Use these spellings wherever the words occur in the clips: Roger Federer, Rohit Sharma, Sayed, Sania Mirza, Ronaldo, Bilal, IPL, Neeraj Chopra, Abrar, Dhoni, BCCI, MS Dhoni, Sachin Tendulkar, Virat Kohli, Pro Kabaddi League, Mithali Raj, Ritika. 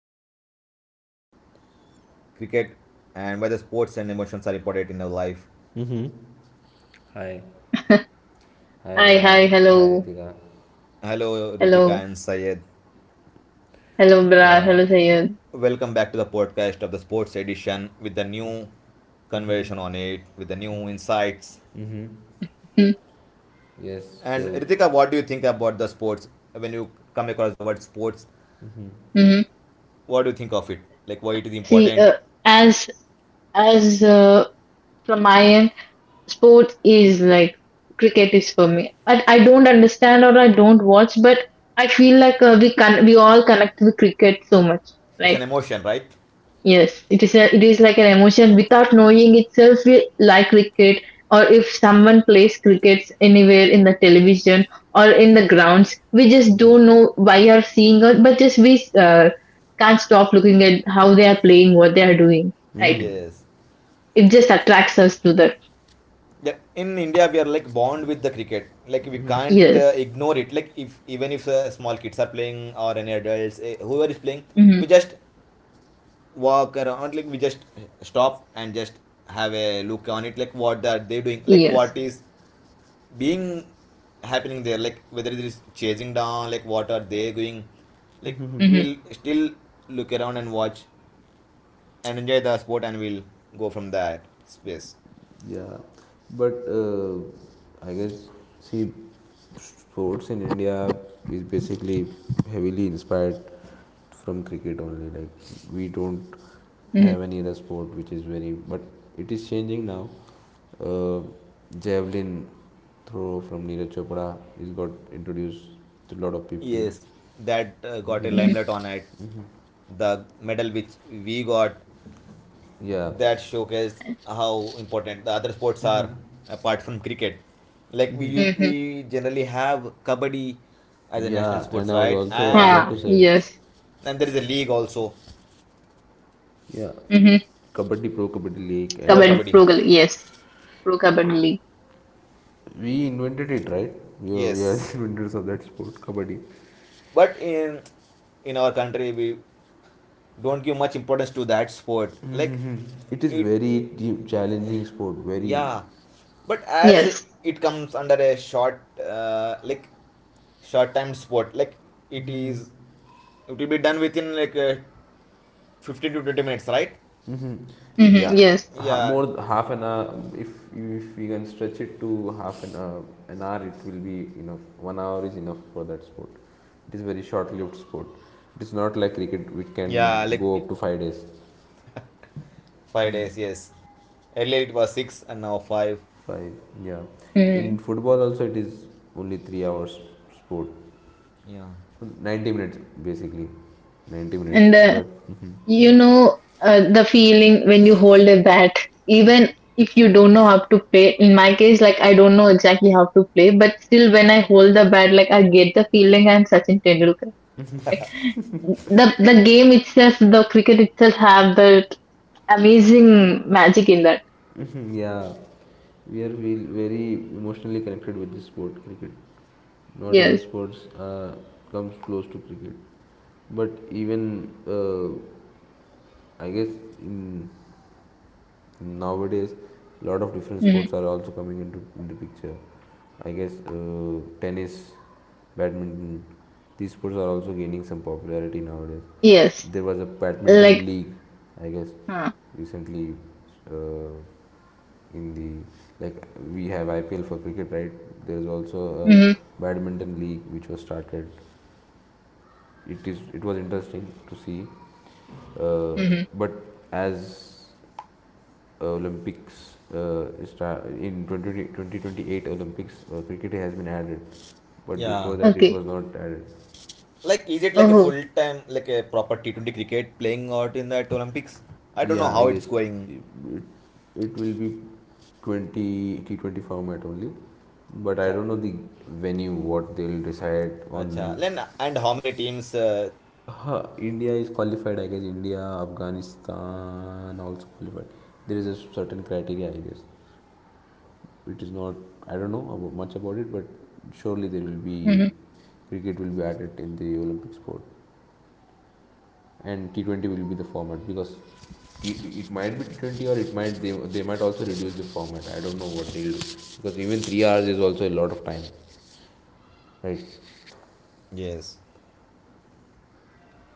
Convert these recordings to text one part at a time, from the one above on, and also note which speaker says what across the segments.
Speaker 1: of Cricket and why the sports and emotions are important in our life.
Speaker 2: Mm-hmm. Hi. Hi,
Speaker 3: Hi, hi,
Speaker 2: Abrar.
Speaker 3: hello,
Speaker 2: Hi, Ritika.
Speaker 1: Hello Ritika
Speaker 3: hello,
Speaker 1: and Sayed.
Speaker 3: hello, Bilal,
Speaker 2: Yeah.
Speaker 3: hello, Sayed.
Speaker 1: Welcome back to the podcast of the sports edition with the new conversation on it, with the new insights.
Speaker 3: Mm-hmm.
Speaker 2: Yes.
Speaker 1: And
Speaker 2: So,
Speaker 1: Ritika, what do you think about the sports? When you come across the word sports,
Speaker 3: mm-hmm.
Speaker 1: what do you think of it? Like, why it is
Speaker 3: See,
Speaker 1: important?
Speaker 3: as as from my end, sports is like cricket is for me. I don't understand or I don't watch, but I feel like we all connect with cricket so much.
Speaker 1: It's an
Speaker 3: Like
Speaker 1: emotion, right?
Speaker 3: yes, it is a, it is like an emotion without knowing itself. We like cricket, or if someone plays crickets anywhere in the television or in the grounds, we just don't know why are seeing or but just we can't stop looking at how they are playing, what they are doing. Right?
Speaker 1: Yes.
Speaker 3: It just attracts us to that.
Speaker 1: Yeah, in India we are like bond with the cricket. Like, we can't
Speaker 3: Yes.
Speaker 1: ignore it. Like, if even if small kids are playing or any adults, whoever is playing,
Speaker 3: Mm-hmm.
Speaker 1: we just walk around. Like, we just stop and just have a look on it, like what are they doing, like
Speaker 3: Yes.
Speaker 1: what is being happening there, like whether it is chasing down, like what are they doing, like
Speaker 3: Mm-hmm.
Speaker 1: we'll still look around and watch and enjoy the sport and we'll go from that space.
Speaker 2: yeah. But I guess, see, sports in India is basically heavily inspired from cricket only. Like, we don't
Speaker 3: Mm-hmm.
Speaker 2: have any other sport which is very, but it is changing now. Uh, Javelin throw from Neeraj Chopra is got introduced to a lot of people.
Speaker 1: Yes, that got a
Speaker 3: Mm-hmm.
Speaker 1: limelight on it, the medal which we got.
Speaker 2: Yeah.
Speaker 1: That showcased how important the other sports are apart from cricket. Like, we use
Speaker 3: Mm-hmm.
Speaker 1: we generally have kabaddi as a national
Speaker 2: Yeah, and
Speaker 1: sports,
Speaker 2: I was
Speaker 1: right?
Speaker 2: also
Speaker 1: and
Speaker 2: about
Speaker 3: Ha.
Speaker 2: to say.
Speaker 3: Yes.
Speaker 1: and there is a league also,
Speaker 2: Yeah,
Speaker 3: Mm-hmm.
Speaker 2: Kabaddi Pro Kabaddi League,
Speaker 1: pro
Speaker 2: and this
Speaker 1: kabaddi.
Speaker 3: Yes. Pro Kabaddi League.
Speaker 2: we invented it, right? We are the
Speaker 1: Yes,
Speaker 2: inventors of that sport, Kabaddi.
Speaker 1: but in our country we don't give much importance to that sport, like
Speaker 2: It is
Speaker 1: it.
Speaker 2: very deep, challenging sport. Very,
Speaker 1: Yeah, but as
Speaker 3: Yes.
Speaker 1: it comes under a short like short time sport, like it is, it will be done within like 15 to 20 minutes, right?
Speaker 2: hmm,
Speaker 3: Mm-hmm.
Speaker 2: yeah,
Speaker 1: Yeah,
Speaker 2: more half an hour. If we can stretch it to half an hour, it will be enough. 1 hour is enough for that sport. It is very short-lived sport. It is not like cricket, which
Speaker 1: yeah,
Speaker 2: can
Speaker 1: like
Speaker 2: go up to 5 days.
Speaker 1: 5 days, yes. Earlier it was six and now five.
Speaker 2: Five, yeah.
Speaker 3: Yes.
Speaker 2: In football also it is only 3 hours sport,
Speaker 1: Yeah,
Speaker 2: 90 minutes basically, 90 minutes.
Speaker 3: And
Speaker 2: But
Speaker 3: the feeling when you hold a bat, even if you don't know how to play. In my case, like I don't know exactly how to play, but still, when I hold the bat, like I get the feeling I'm Sachin Tendulkar. Like the game itself, the cricket itself, have that amazing magic in that.
Speaker 2: yeah, we are feel very emotionally connected with this sport, cricket. Not other
Speaker 3: Yes.
Speaker 2: sports comes close to cricket, but even I guess in nowadays a lot of different
Speaker 3: Hmm.
Speaker 2: sports are also coming into in the picture. I guess tennis, badminton, these sports are also gaining some popularity nowadays.
Speaker 3: Yes.
Speaker 2: There was a badminton
Speaker 3: Like.
Speaker 2: league, I guess,
Speaker 3: Uh,
Speaker 2: recently. uh, in the, like, we have IPL for cricket, right? There is also
Speaker 3: mm-hmm.
Speaker 2: a badminton league which was started. It was interesting to see, uh,
Speaker 3: Mm-hmm.
Speaker 2: but as olympics, in 20, 2028 olympics, cricket has been added, but
Speaker 1: yeah.
Speaker 2: before that it
Speaker 3: Okay.
Speaker 2: was not added.
Speaker 1: Like, is it like a
Speaker 3: Oh.
Speaker 1: full time, like a proper T20 cricket playing out in that Olympics? I don't know
Speaker 2: Yeah, I
Speaker 1: how it's
Speaker 2: guess
Speaker 1: going.
Speaker 2: it, it, it will be 20 T20 format only, but I
Speaker 1: Acha,
Speaker 2: don't know the venue what they'll decide on.
Speaker 1: acha. Then, and how many teams?
Speaker 2: India is qualified, I guess. India, Afghanistan also qualified. There is a certain criteria, I guess. It is not, I don't know about, much about it, but surely there will be
Speaker 3: Mm-hmm.
Speaker 2: cricket will be added in the Olympic sport, and T20 will be the format because it might be T20, or it might, they might also reduce the format. I don't know what they'll do because even 3 hours is also a lot of time, right?
Speaker 1: Yes.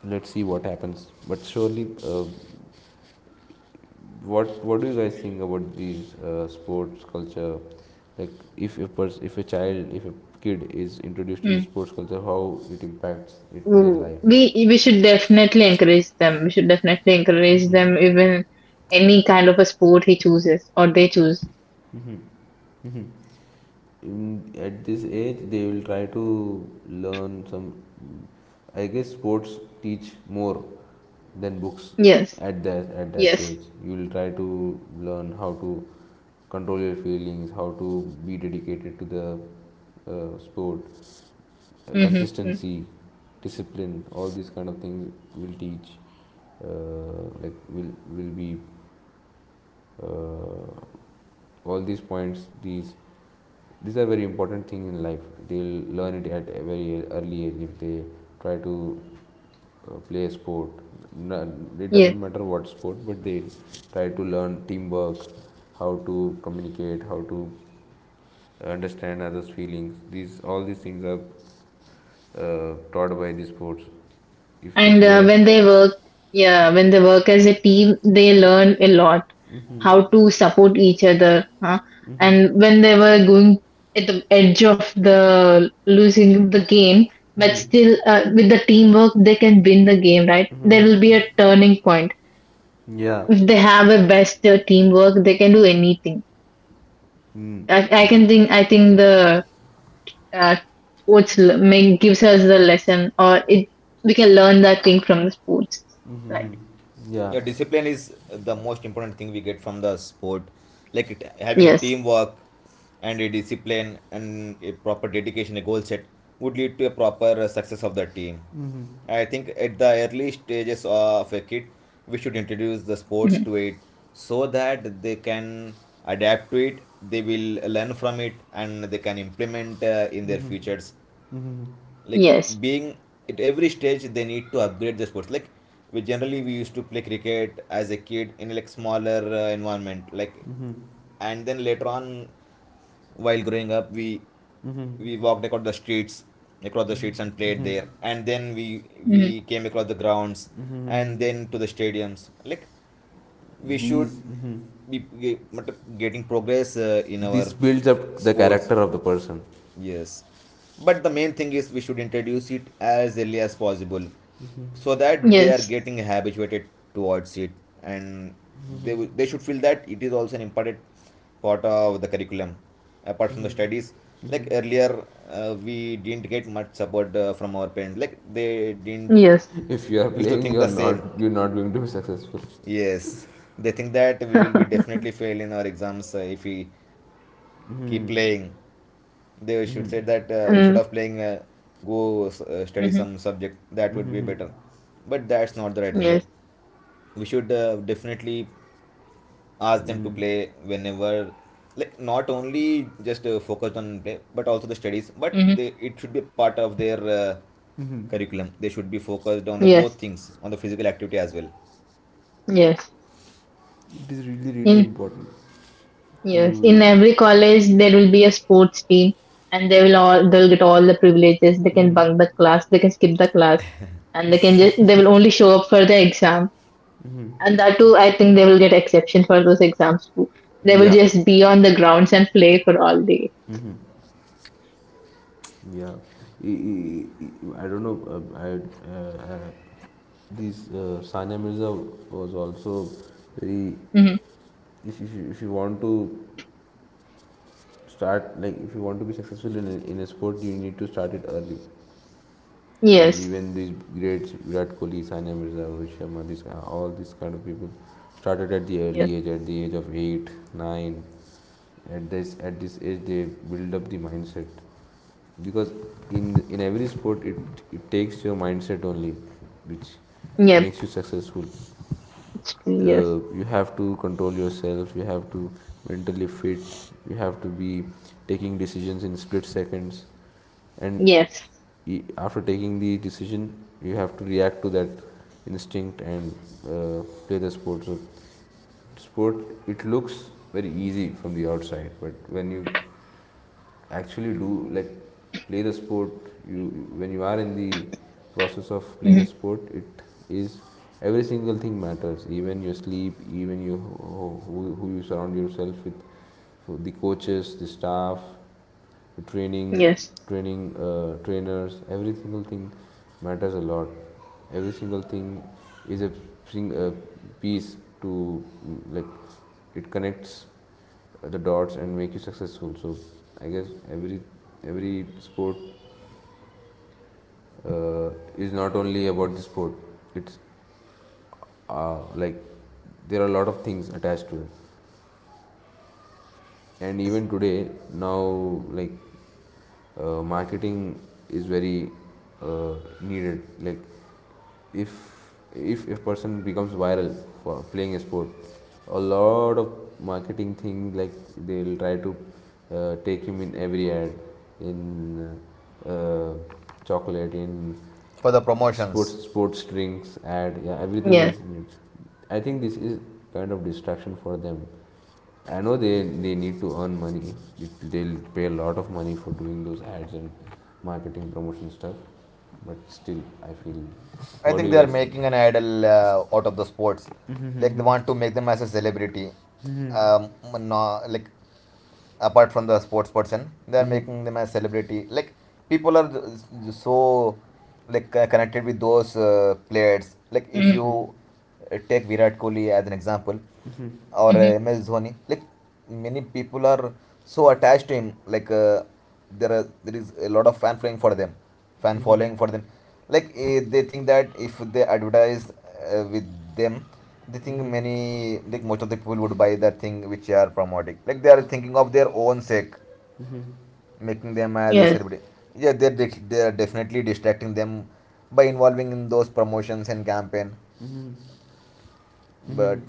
Speaker 2: Let's see what happens. But surely, what do you guys think about these sports culture? Like if a kid is introduced to the
Speaker 3: Mm-hmm.
Speaker 2: sports culture, how it impacts it, their
Speaker 3: Mm.
Speaker 2: life?
Speaker 3: We should definitely encourage them. We should definitely encourage them even any kind of a sport he chooses or they choose.
Speaker 2: Mhm. At this age they will try to learn some, I guess sports teach more than books.
Speaker 3: Yes,
Speaker 2: At that
Speaker 3: yes,
Speaker 2: age you will try to learn how to control your feelings, how to be dedicated to the sport,
Speaker 3: mm-hmm,
Speaker 2: consistency, discipline. All these kind of things will teach, like will be, uh, all these points, these are very important things in life. They'll learn it at a very early age if they try to play a sport. It
Speaker 3: yes.
Speaker 2: doesn't matter what sport, but they try to learn teamwork, how to communicate, how to understand others feelings. These all these things are taught by the sports if they
Speaker 3: And
Speaker 2: play.
Speaker 3: when they work, yeah, when they work as a team, they learn a lot how to support each other. Huh? And when they were going at the edge of the losing the game, but
Speaker 2: Mhm.
Speaker 3: still with the teamwork, they can win the game, right? There will be a turning point
Speaker 2: Yeah.
Speaker 3: if they have a best teamwork, they can do anything.
Speaker 2: Mm.
Speaker 3: I can think. I think the uh, make, gives us the lesson, or it we can learn that thing from the sports. Right.
Speaker 2: Mhm. Yeah.
Speaker 1: Yeah, discipline is the most important thing we get from the sport, like it, having a
Speaker 3: Yes.
Speaker 1: teamwork and a discipline and a proper dedication, a goal set would lead to a proper success of the team. I think at the early stages of a kid we should introduce the sports
Speaker 3: Mhm.
Speaker 1: to it so that they can adapt to it, they will learn from it and they can implement in their futures. Like,
Speaker 3: Yes.
Speaker 1: being at every stage they need to upgrade the sports. Like, we used to play cricket as a kid in like smaller environment, like, and then later on while growing up we, walked across the streets, and played there, and then we
Speaker 3: Mhm.
Speaker 1: we came across the grounds and then to the stadiums. Like, we should
Speaker 2: these Mhm.
Speaker 1: be getting progress in
Speaker 2: This
Speaker 1: our
Speaker 2: builds up the
Speaker 1: sports.
Speaker 2: character of the person.
Speaker 1: Yes. But the main thing is we should introduce it as early as possible so that they are
Speaker 3: Yes.
Speaker 1: getting habituated towards it, and they should feel that it is also an important part of the curriculum apart from the studies. Like, earlier we didn't get much support from our parents. Like, they didn't
Speaker 3: Yes.
Speaker 2: If you are
Speaker 1: used to
Speaker 2: playing,
Speaker 1: think the same.
Speaker 2: you're not going to be successful.
Speaker 1: Yes, they think that we will be definitely fail in our exams if we keep playing. They should say that
Speaker 3: mm-hmm.
Speaker 1: instead of playing, go study some subject. That would be better. But that's not the right thing. Like,
Speaker 3: Yes.
Speaker 1: we should definitely ask them to play whenever. Like, not only just focused on play, but also the studies. But
Speaker 3: Mm-hmm.
Speaker 1: they, it should be part of their curriculum. They should be focused on the both
Speaker 3: Yes.
Speaker 1: things, on the physical activity as well.
Speaker 3: Yes.
Speaker 2: It is really really
Speaker 3: Yes.
Speaker 2: important
Speaker 3: Yes, in
Speaker 2: to.
Speaker 3: every college there will be a sports team, and they will all they'll get all the privileges. They can bunk the class, they can skip the class, and they can just they will only show up for the exam. And that too, I think they will get exception for those exams too. They will
Speaker 2: Yeah.
Speaker 3: just be on the grounds and play for all day.
Speaker 2: Yeah. I- don't know. I, these Sanya Mirza was also very.
Speaker 3: Hmm.
Speaker 2: If you want to start, like if you want to be successful in a sport, you need to start it early.
Speaker 3: Yes,
Speaker 2: Even these greats Virat Kohli, Sania Mirza, Rohit Sharma, this all these kind of people started at the
Speaker 3: yes,
Speaker 2: early age, at the age of eight, nine. At this age, they build up the mindset because in every sport it takes your mindset only, which
Speaker 3: yep,
Speaker 2: makes you successful.
Speaker 3: it's true. Yes,
Speaker 2: You have to control yourself, you have to mentally fit, you have to be taking decisions in split seconds, and
Speaker 3: yes,
Speaker 2: after taking the decision you have to react to that instinct, and uh, play the sport. So sport it looks very easy from the outside, but when you actually do like play the sport, you when you are in the process of playing a
Speaker 3: hmm,
Speaker 2: sport, it is every single thing matters, even your sleep, even you, who you surround yourself with. So the coaches, the staff, training,
Speaker 3: yes,
Speaker 2: trainers, every single thing matters a lot. Every single thing is a piece to, like it connects the dots and make you successful. So I guess every sport uh, is not only about the sport, it's like there are a lot of things attached to it. And even today now, like marketing is very uh, needed, like if if a person becomes viral for playing a sport, a lot of marketing things, like they'll try to take him in every ad, in uh, uh, chocolate, in
Speaker 1: For the
Speaker 2: sports
Speaker 1: promotions.
Speaker 2: sports drinks ad, yeah, everything
Speaker 3: yes,
Speaker 2: is in it. I think this is kind of distraction for them. I know they need to earn money. They'll pay a lot of money for doing those ads and marketing promotion stuff. But still, I feel.
Speaker 1: I
Speaker 2: What do
Speaker 1: think they
Speaker 2: you
Speaker 1: are
Speaker 2: guys think?
Speaker 1: making an idol out of the sports. Like, they want to make them as a celebrity. Um, no, like apart from the sports person, they are
Speaker 2: Mm-hmm.
Speaker 1: making them as celebrity. Like, people are s- so, like connected with those players. Like, if
Speaker 3: hmm,
Speaker 1: you take Virat Kohli as an example, or MS Dhoni. Like, many people are so attached to him. Like, there are, there is a lot of fan following for them, fan following for them. Like, they think that if they advertise with them, they think many, like most of the people would buy that thing which they are promoting. Like, they are thinking of their own sake, making them as a
Speaker 3: yes,
Speaker 1: celebrity. Yeah, they are definitely distracting them by involving in those promotions and campaign. But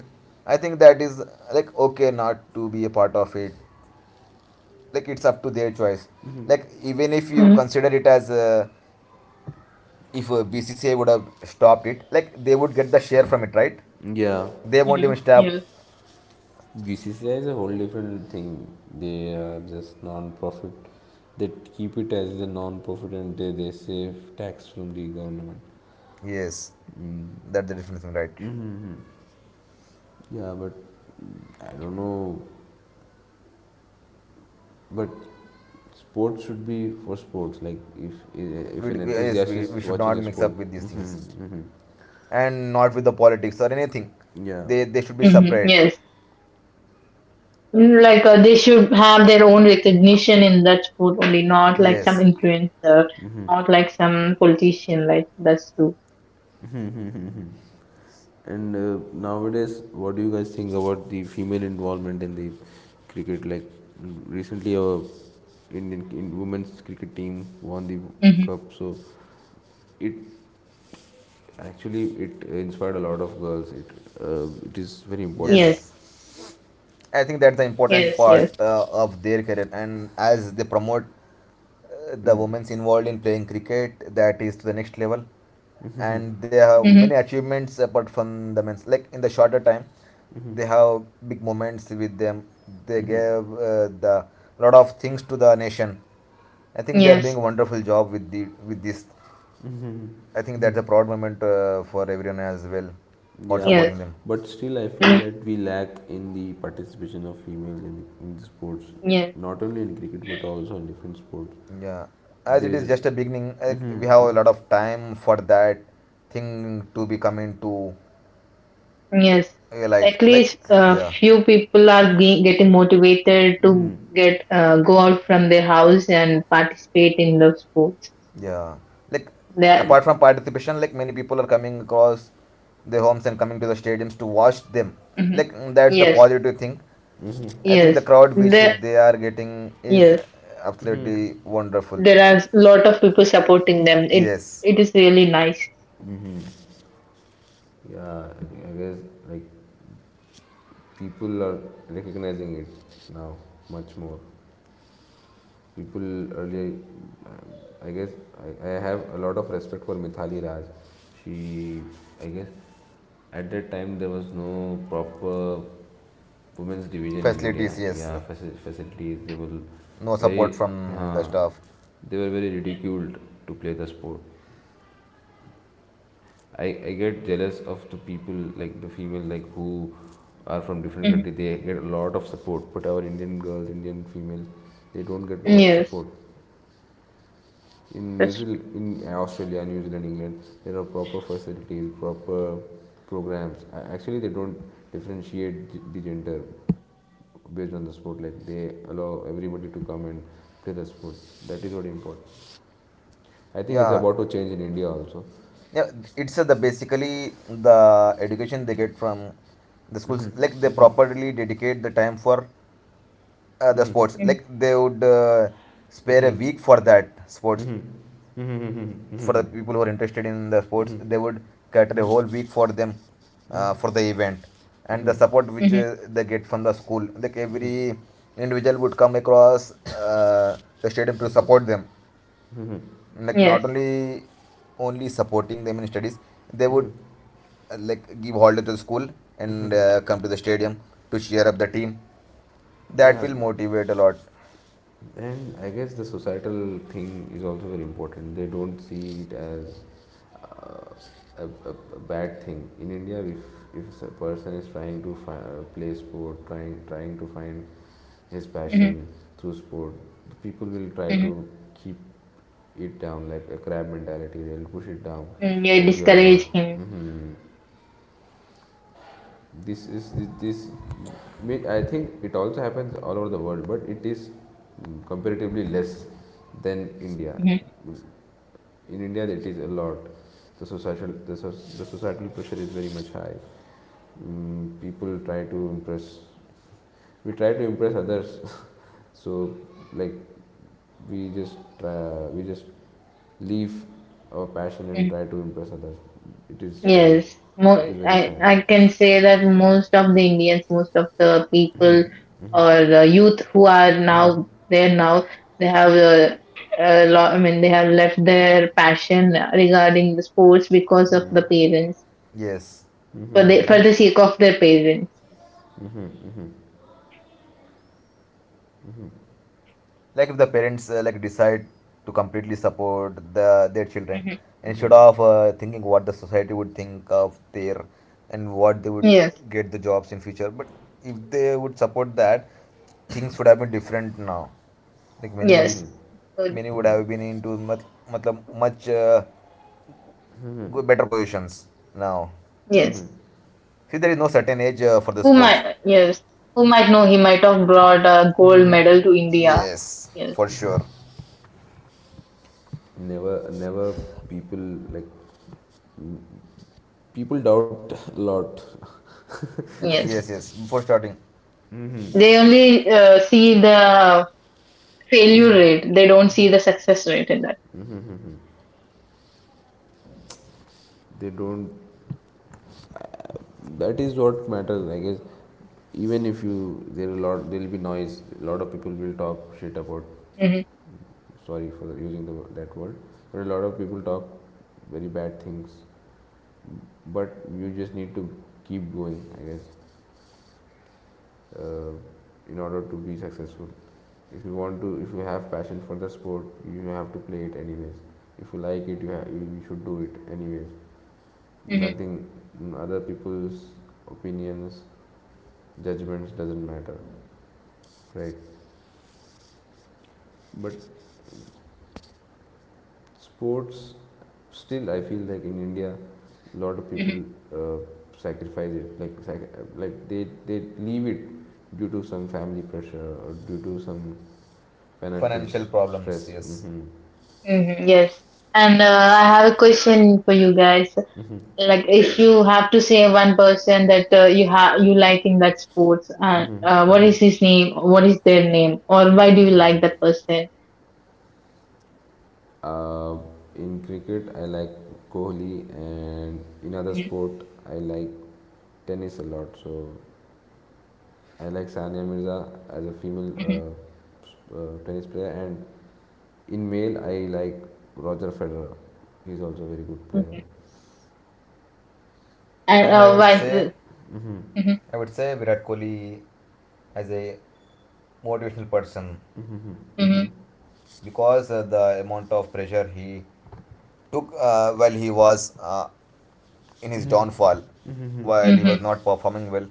Speaker 1: I think that is like okay not to be a part of it. Like, it's up to their choice. Like, even if you
Speaker 3: hmm, yes,
Speaker 1: consider it as a, if a BCCA would have stopped it, like they would get the share from it, right?
Speaker 2: Yeah,
Speaker 1: They won't
Speaker 3: hmm,
Speaker 1: even stop.
Speaker 3: yes,
Speaker 2: BCCI is a whole different thing. They are just non-profit. They keep it as a non-profit and they save tax from the government.
Speaker 1: Yes,
Speaker 2: Mm.
Speaker 1: that's the difference, right?
Speaker 2: Mm-hmm. Yeah, but I don't know. But sports should be for sports. Like if
Speaker 1: we,
Speaker 2: if an
Speaker 1: we, yes,
Speaker 2: enthusiast
Speaker 1: we, we
Speaker 2: is
Speaker 1: should
Speaker 2: watching
Speaker 1: not
Speaker 2: a
Speaker 1: mix
Speaker 2: sport.
Speaker 1: up with these
Speaker 2: Mm-hmm,
Speaker 1: things
Speaker 2: mm-hmm.
Speaker 1: and not with the politics or anything.
Speaker 2: Yeah.
Speaker 1: They should be
Speaker 3: hmm,
Speaker 1: separate.
Speaker 3: yes. Mm, like they should have their own recognition in that sport only, not like some
Speaker 1: Yes,
Speaker 3: influencer, not like some politician. Like that's true.
Speaker 2: And nowadays, what do you guys think about the female involvement in the cricket? Like recently, our Indian in women's cricket team won the
Speaker 3: Hmm.
Speaker 2: cup, so it actually it inspired a lot of girls. It is very important.
Speaker 3: Yes,
Speaker 1: yes.
Speaker 3: yes,
Speaker 1: I
Speaker 3: yes.
Speaker 1: think that's the important part of their career, and as they promote the women's involved in playing cricket, that is to the next level, and they have
Speaker 3: Hmm.
Speaker 1: many achievements apart from the men's, like in the shorter time they have big moments with them. They gave the lot of things to the nation. I think they are doing
Speaker 3: Yes,
Speaker 1: a wonderful job with this. I think that's a proud moment for everyone as well, for
Speaker 2: Yeah,
Speaker 3: yes,
Speaker 1: supporting them.
Speaker 2: but still, I feel
Speaker 3: mm,
Speaker 2: that we lack in the participation of females in the sports,
Speaker 3: yes,
Speaker 2: not only in cricket but also in different sports.
Speaker 1: Yeah, as
Speaker 2: There
Speaker 1: it
Speaker 2: is
Speaker 1: is just a beginning,
Speaker 2: a.
Speaker 1: like,
Speaker 2: Hmm.
Speaker 1: we have a lot of time for that thing to be coming to
Speaker 3: yes.
Speaker 1: a light,
Speaker 3: At
Speaker 1: like,
Speaker 3: least a
Speaker 1: yeah.
Speaker 3: few people are getting motivated to
Speaker 2: Hmm.
Speaker 3: get go out from their house and participate in the sports.
Speaker 1: Yeah, like apart
Speaker 3: That
Speaker 1: from participation, like many people are coming across their homes and coming to the stadiums to watch them.
Speaker 3: hmm
Speaker 1: Like, mm, that's the
Speaker 3: Yes,
Speaker 1: positive thing. I think the
Speaker 3: yes.
Speaker 1: crowd which
Speaker 3: The
Speaker 1: they are getting is
Speaker 3: yes,
Speaker 1: absolutely wonderful.
Speaker 3: there are a lot of people supporting them. It
Speaker 1: Yes,
Speaker 3: it is really nice.
Speaker 2: Yeah, I guess, like people are recognizing it now much more. People earlier, I guess I have a lot of respect for Mithali Raj. She, I guess, at that time there was no proper women's division in India.
Speaker 1: facilities. Yes,
Speaker 2: Yeah, facilities they were
Speaker 1: no support
Speaker 2: very,
Speaker 1: from the
Speaker 2: uh,
Speaker 1: staff.
Speaker 2: ridiculed to play the sport. I, I get jealous of the people like the female like who are from different
Speaker 3: Mhm.
Speaker 2: country. They get a lot of support, but our Indian girls, Indian females, they don't get much
Speaker 3: Yes,
Speaker 2: support. In New
Speaker 3: that's,
Speaker 2: Zealand, in Australia, New Zealand, England, there are proper facilities, proper programs. Actually, they don't differentiate the gender based on the sport, like they allow everybody to come and play the sport. That is what important. I think it's
Speaker 1: Yeah,
Speaker 2: about to change in India also.
Speaker 1: yeah. It's the, basically the education they get from the schools. Like, they properly dedicate the time for the sports.
Speaker 3: mhm.
Speaker 1: Like, they would spare a week for that sports. For the people who are interested in the sports, they would cater a whole week for them for the event, and the support which
Speaker 3: Mhm.
Speaker 1: they get from the school, like every individual would come across the stadium to support them, like not
Speaker 3: Yes.
Speaker 1: only supporting them in studies, they would like give holiday to the school and come to the stadium to cheer up the team. That
Speaker 2: Yeah.
Speaker 1: will motivate a lot.
Speaker 2: And I guess the societal thing is also very important, they don't see it as uh, a, a, a bad thing in India. If a person is trying to play sport, trying to find his
Speaker 3: Mhm.
Speaker 2: passion through sport, people will try
Speaker 3: Mhm.
Speaker 2: to keep it down like a crab mentality, they'll push it down,
Speaker 3: Mm, you
Speaker 2: that you're not.
Speaker 3: discourage him.
Speaker 2: Mhm, this I think it also happens all over the world, but it is comparatively less than India.
Speaker 3: Mhm.
Speaker 2: In India it is a lot, the societal, the societal pressure is very much high. People try to impress we try to impress others so like we just try, we just leave our passion and
Speaker 3: Mhm.
Speaker 2: try to impress others. It is very
Speaker 3: Yes,
Speaker 2: it
Speaker 3: Mo-
Speaker 2: is very
Speaker 3: I
Speaker 2: sad.
Speaker 3: I can say that most of the Indians, most of the people or the youth who are now there now, they have a lot. I mean, they have left their passion regarding the sports because of the parents
Speaker 1: Yes,
Speaker 3: for
Speaker 1: and
Speaker 3: the sake of their parents.
Speaker 1: like if the parents like decide to completely support the their children
Speaker 3: Mhm.
Speaker 1: instead of thinking what the society would think of their and what they would
Speaker 3: Yes.
Speaker 1: get the jobs in future. But if they would support that, things would have been different now. Like, many
Speaker 3: Yes,
Speaker 1: people,
Speaker 3: so-
Speaker 1: many would have been into matlab, much better positions now.
Speaker 3: yes.
Speaker 1: See, there is no certain age for the
Speaker 3: Who
Speaker 1: sports.
Speaker 3: might, yes, who might know he might have brought a gold medal to India.
Speaker 1: Yes,
Speaker 3: Yes,
Speaker 1: for sure.
Speaker 2: Never never. People like, mm, people doubt a lot.
Speaker 3: yes.
Speaker 1: Yes, yes, before starting.
Speaker 3: They
Speaker 2: Hmm.
Speaker 3: only see the failure rate. They don't see the success rate in that.
Speaker 2: They don't. That is what matters, I guess. Even if you, there are a lot, there will be noise, a lot of people will talk shit about,
Speaker 3: Hmm.
Speaker 2: sorry for using that word, but a lot of people talk very bad things. But you just need to keep going, I guess, uh, in order to be successful. If you have passion for the sport you have to play it anyways, if you like it you should do it anyways.
Speaker 3: Hmm.
Speaker 2: Nothing, other people's opinions, judgments doesn't matter, right? But sports, still I feel like in India a lot of people
Speaker 3: Hmm.
Speaker 2: uh, sacrifice it, like they leave it due to some family pressure or due to some financial
Speaker 1: Financial
Speaker 2: stress.
Speaker 1: problems, yes.
Speaker 2: Hmm.
Speaker 3: Hmm. Yes. And I have a question for you guys. Like, if you have to say one person that you like in that sports, and what is his name? What is their name? Or why do you like that person?
Speaker 2: uh, in cricket I like Kohli, and in other sport I like tennis a lot. So I like Sania Mirza as a female tennis player, and in male, I like Roger Federer. He's also a very good player.
Speaker 3: Hmm. And
Speaker 1: And
Speaker 3: why? Mm-hmm,
Speaker 1: I would say Virat Kohli as a motivational person,
Speaker 3: mm-hmm,
Speaker 2: Hmm.
Speaker 1: because the amount of pressure he took while he was in his downfall, while he
Speaker 3: mm-hmm.
Speaker 1: was not performing well,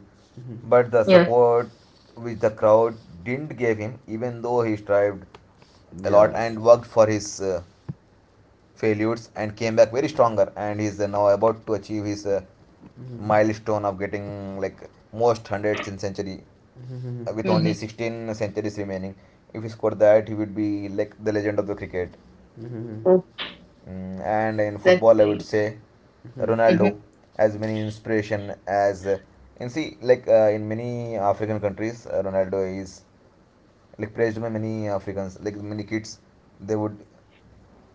Speaker 1: but the
Speaker 3: Yes.
Speaker 1: support which the crowd didn't give him, even though he strived a lot
Speaker 2: Yeah,
Speaker 1: and worked for his failures and came back very stronger, and he's now about to achieve his milestone of getting like most hundreds in century with only
Speaker 3: Mm-hmm.
Speaker 1: 16 centuries remaining. If he scored that, he would be like the legend of the cricket.
Speaker 3: Oh,
Speaker 1: Mm, and in
Speaker 3: that's
Speaker 1: football, I would
Speaker 3: great.
Speaker 1: say
Speaker 3: Mm-hmm.
Speaker 1: Ronaldo, as many inspiration as and see, like in many African countries, Ronaldo is like praised by many Africans, like many kids. They would,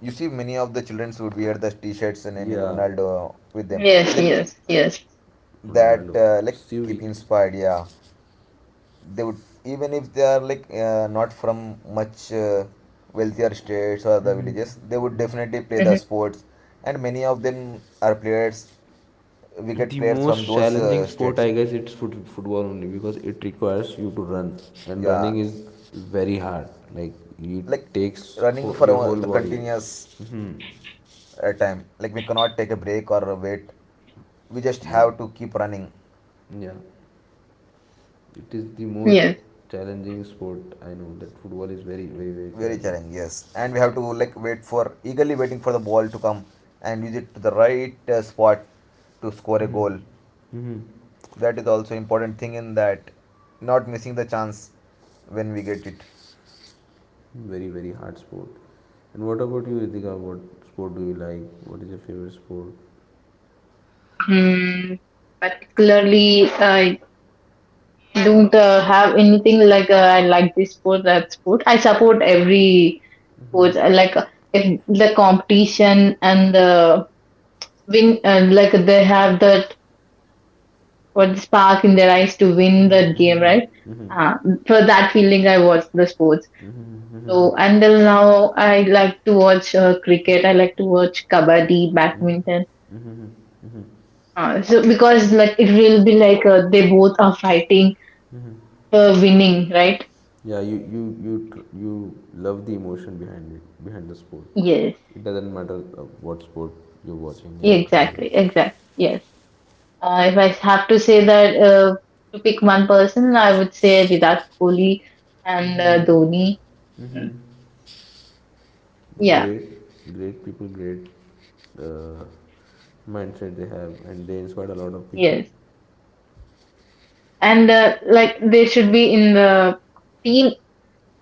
Speaker 1: you see many of the childrens would wear the t-shirts naming
Speaker 2: yeah,
Speaker 1: Ronaldo with them,
Speaker 3: Yes,
Speaker 1: like
Speaker 3: yes, yes.
Speaker 1: that
Speaker 2: Ronaldo,
Speaker 1: like keep
Speaker 2: Stewie.
Speaker 1: inspired, yeah. They would, even if they are like not from much wealthier states or the villages, they would definitely play
Speaker 3: Mm-hmm.
Speaker 1: the sports, and many of them are players, wicket
Speaker 2: The
Speaker 1: players from
Speaker 2: most
Speaker 1: those
Speaker 2: challenging sport,
Speaker 1: states.
Speaker 2: I guess, it's football only because it requires you to run, and
Speaker 1: Yeah,
Speaker 2: running is very hard. Like it
Speaker 1: like
Speaker 2: takes
Speaker 1: running for
Speaker 2: your whole
Speaker 1: the
Speaker 2: body.
Speaker 1: continuous
Speaker 2: Hmm.
Speaker 1: time, like we cannot take a break or wait, we just
Speaker 2: Yeah,
Speaker 1: have to keep running.
Speaker 2: yeah. It is the most
Speaker 3: Yes.
Speaker 2: challenging sport I know. That football is very, very, very
Speaker 1: Very
Speaker 2: challenging.
Speaker 1: challenging, yes, and we have to like wait for, eagerly waiting for the ball to come and use it to the right spot to score a goal. That is also important thing in that, not missing the chance when we get it.
Speaker 2: Very, very hard sport. And what about you, Ritika? What sport do you like? What is your favorite sport?
Speaker 3: Mm, particularly, I don't have anything like I like this sport, that sport. I support every sport. I like if the competition and the win, like they have that what spark in their eyes to win that game, right? Uh, for that feeling, I watch the sports. So until now, I like to watch cricket. I like to watch kabaddi, badminton. So because like it will be like they both are fighting for winning, right?
Speaker 2: Yeah, you love the emotion behind it, behind the sport.
Speaker 3: Yes,
Speaker 2: It doesn't matter what sport you're watching. Yeah, got
Speaker 3: exactly,
Speaker 2: it.
Speaker 3: exactly. Yes. If I have to say that to pick one person, I would say Virat Kohli and Dhoni. Mm, yeah,
Speaker 2: Great, great people, great uh, mindset they have, and they inspired a lot of people.
Speaker 3: yes. And like they should be in the team.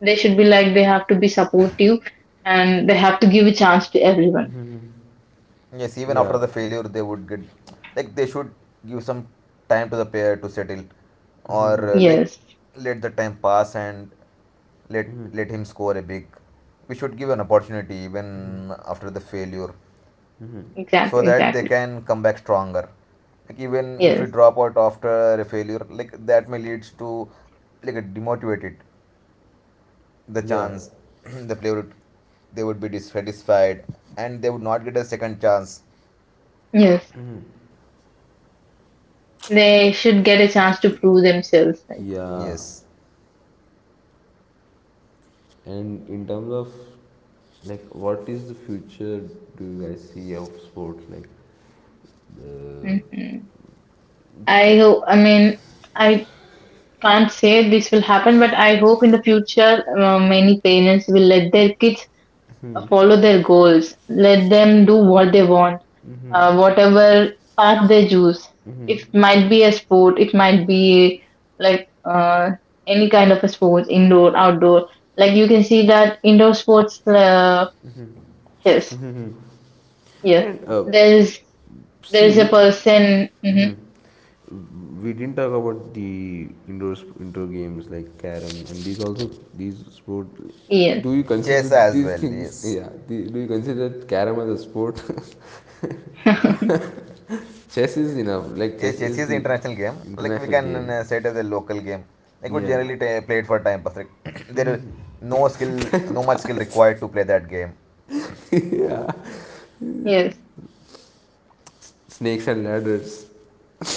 Speaker 3: They should be like they have to be supportive and they have to give a chance to everyone.
Speaker 1: Yes, even after
Speaker 2: Yeah,
Speaker 1: the failure they would get, like they should give some time to the player to settle or like
Speaker 3: Yes,
Speaker 1: let the time pass and let him score a big. We should give an opportunity even after the failure so
Speaker 3: exactly,
Speaker 1: that they
Speaker 3: exactly.
Speaker 1: can come back stronger. Like, even if we
Speaker 3: Yes,
Speaker 1: drop out after a failure, like that may leads to like a demotivated, the
Speaker 2: yeah,
Speaker 1: chance, the player would, they would be dissatisfied and they would not get a second chance.
Speaker 3: yes. They should get a chance to prove themselves. Like,
Speaker 2: yeah.
Speaker 1: Yes,
Speaker 2: And in terms of, like, what is the future do you guys see of sports? Like, the
Speaker 3: mhm. I hope. I mean, I can't say this will happen, but I hope in the future many parents will let their kids follow their goals. Let them do what they want, whatever path they choose. It might be a sport. It might be like any kind of a sports, indoor, outdoor. Like you can see that indoor sports. Chess. Yeah,
Speaker 2: and
Speaker 3: there's there's a
Speaker 2: see.
Speaker 3: person. Hmm.
Speaker 2: Hmm. We didn't talk about the indoor games like carom and these, also these sport.
Speaker 3: Yes,
Speaker 2: Do you consider
Speaker 1: chess as
Speaker 2: these
Speaker 1: well.
Speaker 2: things?
Speaker 1: Yes,
Speaker 2: Yeah, the, do you consider carom as a sport? Chess is enough. Like
Speaker 1: yeah,
Speaker 2: chess
Speaker 1: chess
Speaker 2: is
Speaker 1: is an
Speaker 2: the
Speaker 1: international game. Like, we
Speaker 2: international
Speaker 1: can
Speaker 2: game.
Speaker 1: say it as a local game. Like, we
Speaker 2: Yeah,
Speaker 1: generally ta play it for time pass. Like, there are no skill, no much skill required to play that game.
Speaker 2: yeah.
Speaker 3: yes,
Speaker 2: Snakes and ladders,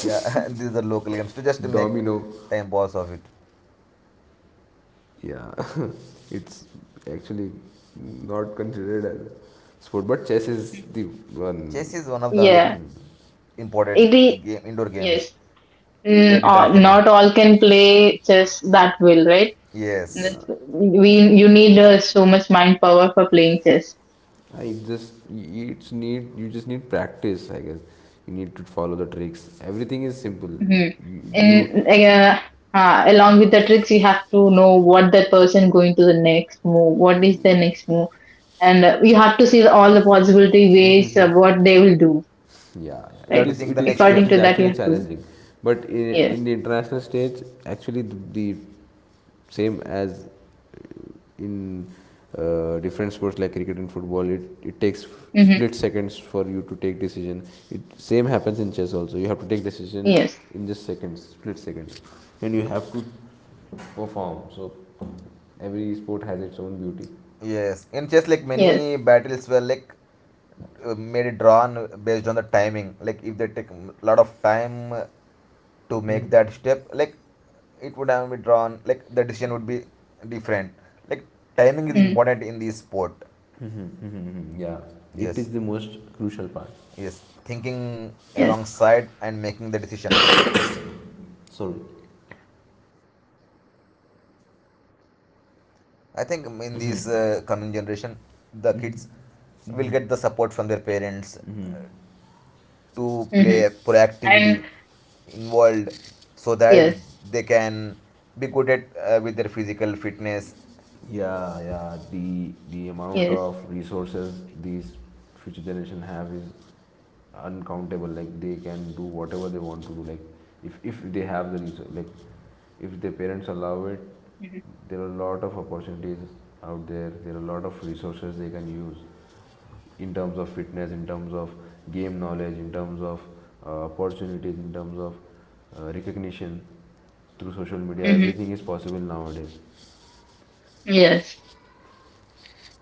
Speaker 1: Yeah, these are local games to just make
Speaker 2: domino.
Speaker 1: time pass of it.
Speaker 2: Yeah, it's actually not considered as a sport, but chess is the
Speaker 1: Chess
Speaker 2: one.
Speaker 1: is one of the like
Speaker 3: yeah.
Speaker 1: imported
Speaker 3: It is
Speaker 1: game, indoor games
Speaker 3: yes.
Speaker 1: played internationally.
Speaker 3: Not all can play chess that well, right?
Speaker 1: Yes,
Speaker 2: Yeah,
Speaker 3: That's, we you need so much mind power for playing chess.
Speaker 2: it just it's need you just need practice, I guess. You need to follow the tricks. Everything is simple.
Speaker 3: Hmm.
Speaker 2: You, you
Speaker 3: And along with the tricks, you have to know what that person going to the next move. What is the next move, and you have to see all the possibility ways of what they will do,
Speaker 2: yeah, yeah.
Speaker 1: we
Speaker 2: it
Speaker 1: have to
Speaker 3: right?
Speaker 2: is
Speaker 1: think
Speaker 2: it
Speaker 1: the
Speaker 2: is
Speaker 1: next step.
Speaker 2: it
Speaker 3: According
Speaker 2: is
Speaker 3: to that, you
Speaker 2: actually
Speaker 3: have to
Speaker 2: challenging. But in,
Speaker 3: yes.
Speaker 2: in the international stage, actually the same as in different sports like cricket and football, it takes
Speaker 3: Mm-hmm.
Speaker 2: split seconds for you to take decision. It same happens in chess also. You have to take decision
Speaker 3: Yes.
Speaker 2: in just seconds, split seconds, and you have to perform. So every sport has its own beauty.
Speaker 1: Yes, in just like
Speaker 3: Yes.
Speaker 1: many battles were like made drawn based on the timing. Like, if they take a lot of time to make that step, like it would have been drawn. Like, the decision would be different. Like, timing is
Speaker 3: Mm.
Speaker 1: important in this sport.
Speaker 2: Yeah, it
Speaker 1: Yes,
Speaker 2: is the most crucial part.
Speaker 1: yes, thinking
Speaker 3: Yes.
Speaker 1: alongside and making the decision.
Speaker 2: Sorry.
Speaker 1: I think in this coming generation, the kids will get the support from their parents
Speaker 3: Mm-hmm.
Speaker 1: to
Speaker 3: And
Speaker 1: play proactively involved
Speaker 3: yes.
Speaker 1: so that they can be good at with their physical fitness.
Speaker 2: Yeah, yeah. The
Speaker 3: Yes.
Speaker 2: the amount of resources these future generation have is uncountable. Like they can do whatever they want to do. Like if they have the resource, like if their parents allow it,
Speaker 3: Mm-hmm.
Speaker 2: there are a lot of opportunities out there. There are a lot of resources they can use. In terms of fitness, in terms of game knowledge, in terms of opportunities, in terms of recognition through social media.
Speaker 3: Mm-hmm.
Speaker 2: Everything is possible nowadays.
Speaker 3: Yes.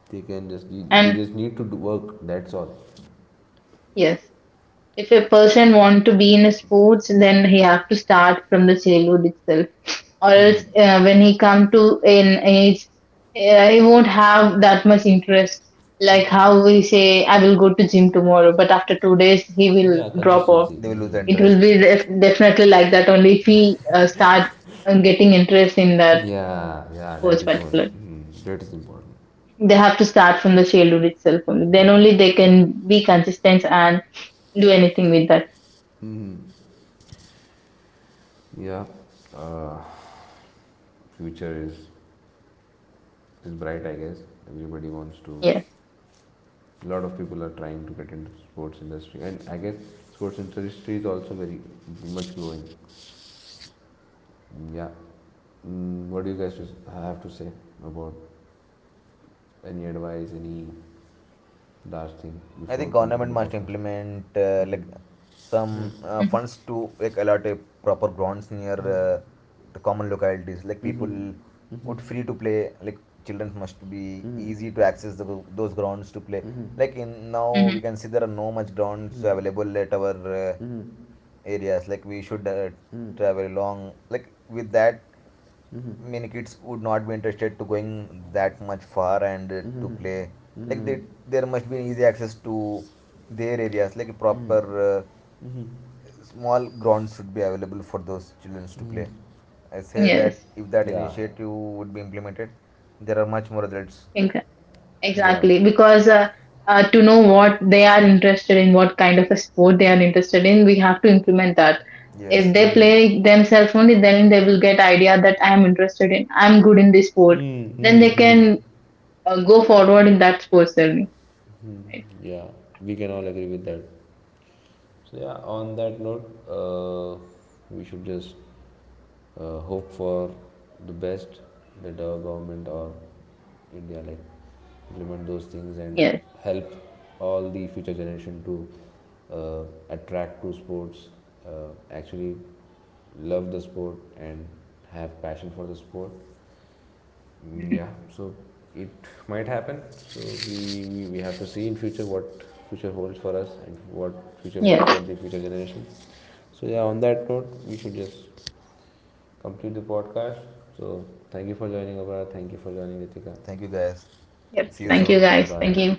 Speaker 2: They can just they
Speaker 3: And
Speaker 2: just need to do work. That's all.
Speaker 3: yes. If a person want to be in a sports, then he have to start from the childhood itself. Or else, when he come to an age, he won't have that much interest. Like how we say, I will go to gym tomorrow, but after 2 days he will
Speaker 2: Yeah,
Speaker 3: drop off.
Speaker 2: consistency.
Speaker 1: They will lose
Speaker 2: Hmm.
Speaker 3: It will
Speaker 1: interest.
Speaker 3: be definitely like that only if he start getting interest in that
Speaker 2: Yeah, yeah,
Speaker 3: sports
Speaker 2: that is more.
Speaker 3: particular.
Speaker 2: Mhm, that is important.
Speaker 3: They have to start from the childhood itself. Only. Then only they can be consistent and do anything with that.
Speaker 2: Yeah, uh, future is bright. I guess everybody wants to.
Speaker 3: Yes.
Speaker 2: A lot of people are trying to get into sports industry, and I guess sports industry is also very much growing. Yeah, mm, what do you guys have to say about any advice, any last thing
Speaker 1: I
Speaker 2: before
Speaker 1: think
Speaker 2: completing
Speaker 1: government
Speaker 2: the
Speaker 1: must
Speaker 2: podcast?
Speaker 1: implement
Speaker 2: Mm-hmm.
Speaker 1: like some
Speaker 3: Hmm.
Speaker 1: funds to like allot a proper grounds near the common localities. Like, people would free to play. Like, children must be easy to access the, those grounds to play. Like, in now
Speaker 3: Hmm.
Speaker 1: we can see there are no much grounds available at our areas. Like, we should travel long. Like, with that many kids would not be interested to going that much far and to play, like that there must be an easy access to their areas, like a proper uh, small grounds should be available for those children to play. I say that
Speaker 3: Yes.
Speaker 1: if that
Speaker 2: Yeah,
Speaker 1: initiative would be implemented, there are much more adults.
Speaker 3: Exa-
Speaker 2: yeah.
Speaker 3: Exactly. Because to know what they are interested in, what kind of a sport they are interested in, we have to implement that. If
Speaker 1: Yes.
Speaker 3: they play themselves only, then they will get idea that I am interested in, I'm good in this sport.
Speaker 2: Hmm,
Speaker 3: Then they
Speaker 2: hmm, hmm.
Speaker 3: can go forward in that sports only. Right?
Speaker 2: Yeah, we can all agree with that. So yeah, on that note, we should just hope for the best that our government or India like implement those things and
Speaker 3: Yes.
Speaker 2: help all the future generation to uh, attract to sports, actually love the sport and have passion for the sport. Mm,
Speaker 3: Mhm.
Speaker 2: yeah, so it might happen. So we have to see in future what future holds for us and what future holds for
Speaker 3: Yes.
Speaker 2: the future generation. So yeah, on that note, we should just complete the podcast. So thank you for joining, Abra. Thank you for joining, Ritika.
Speaker 1: Thank you guys.
Speaker 3: Yep.
Speaker 1: See
Speaker 2: Thank
Speaker 1: you
Speaker 2: you.
Speaker 3: Thank you,
Speaker 1: soon.
Speaker 2: Bye
Speaker 3: guys. Thank
Speaker 2: bye.
Speaker 3: you.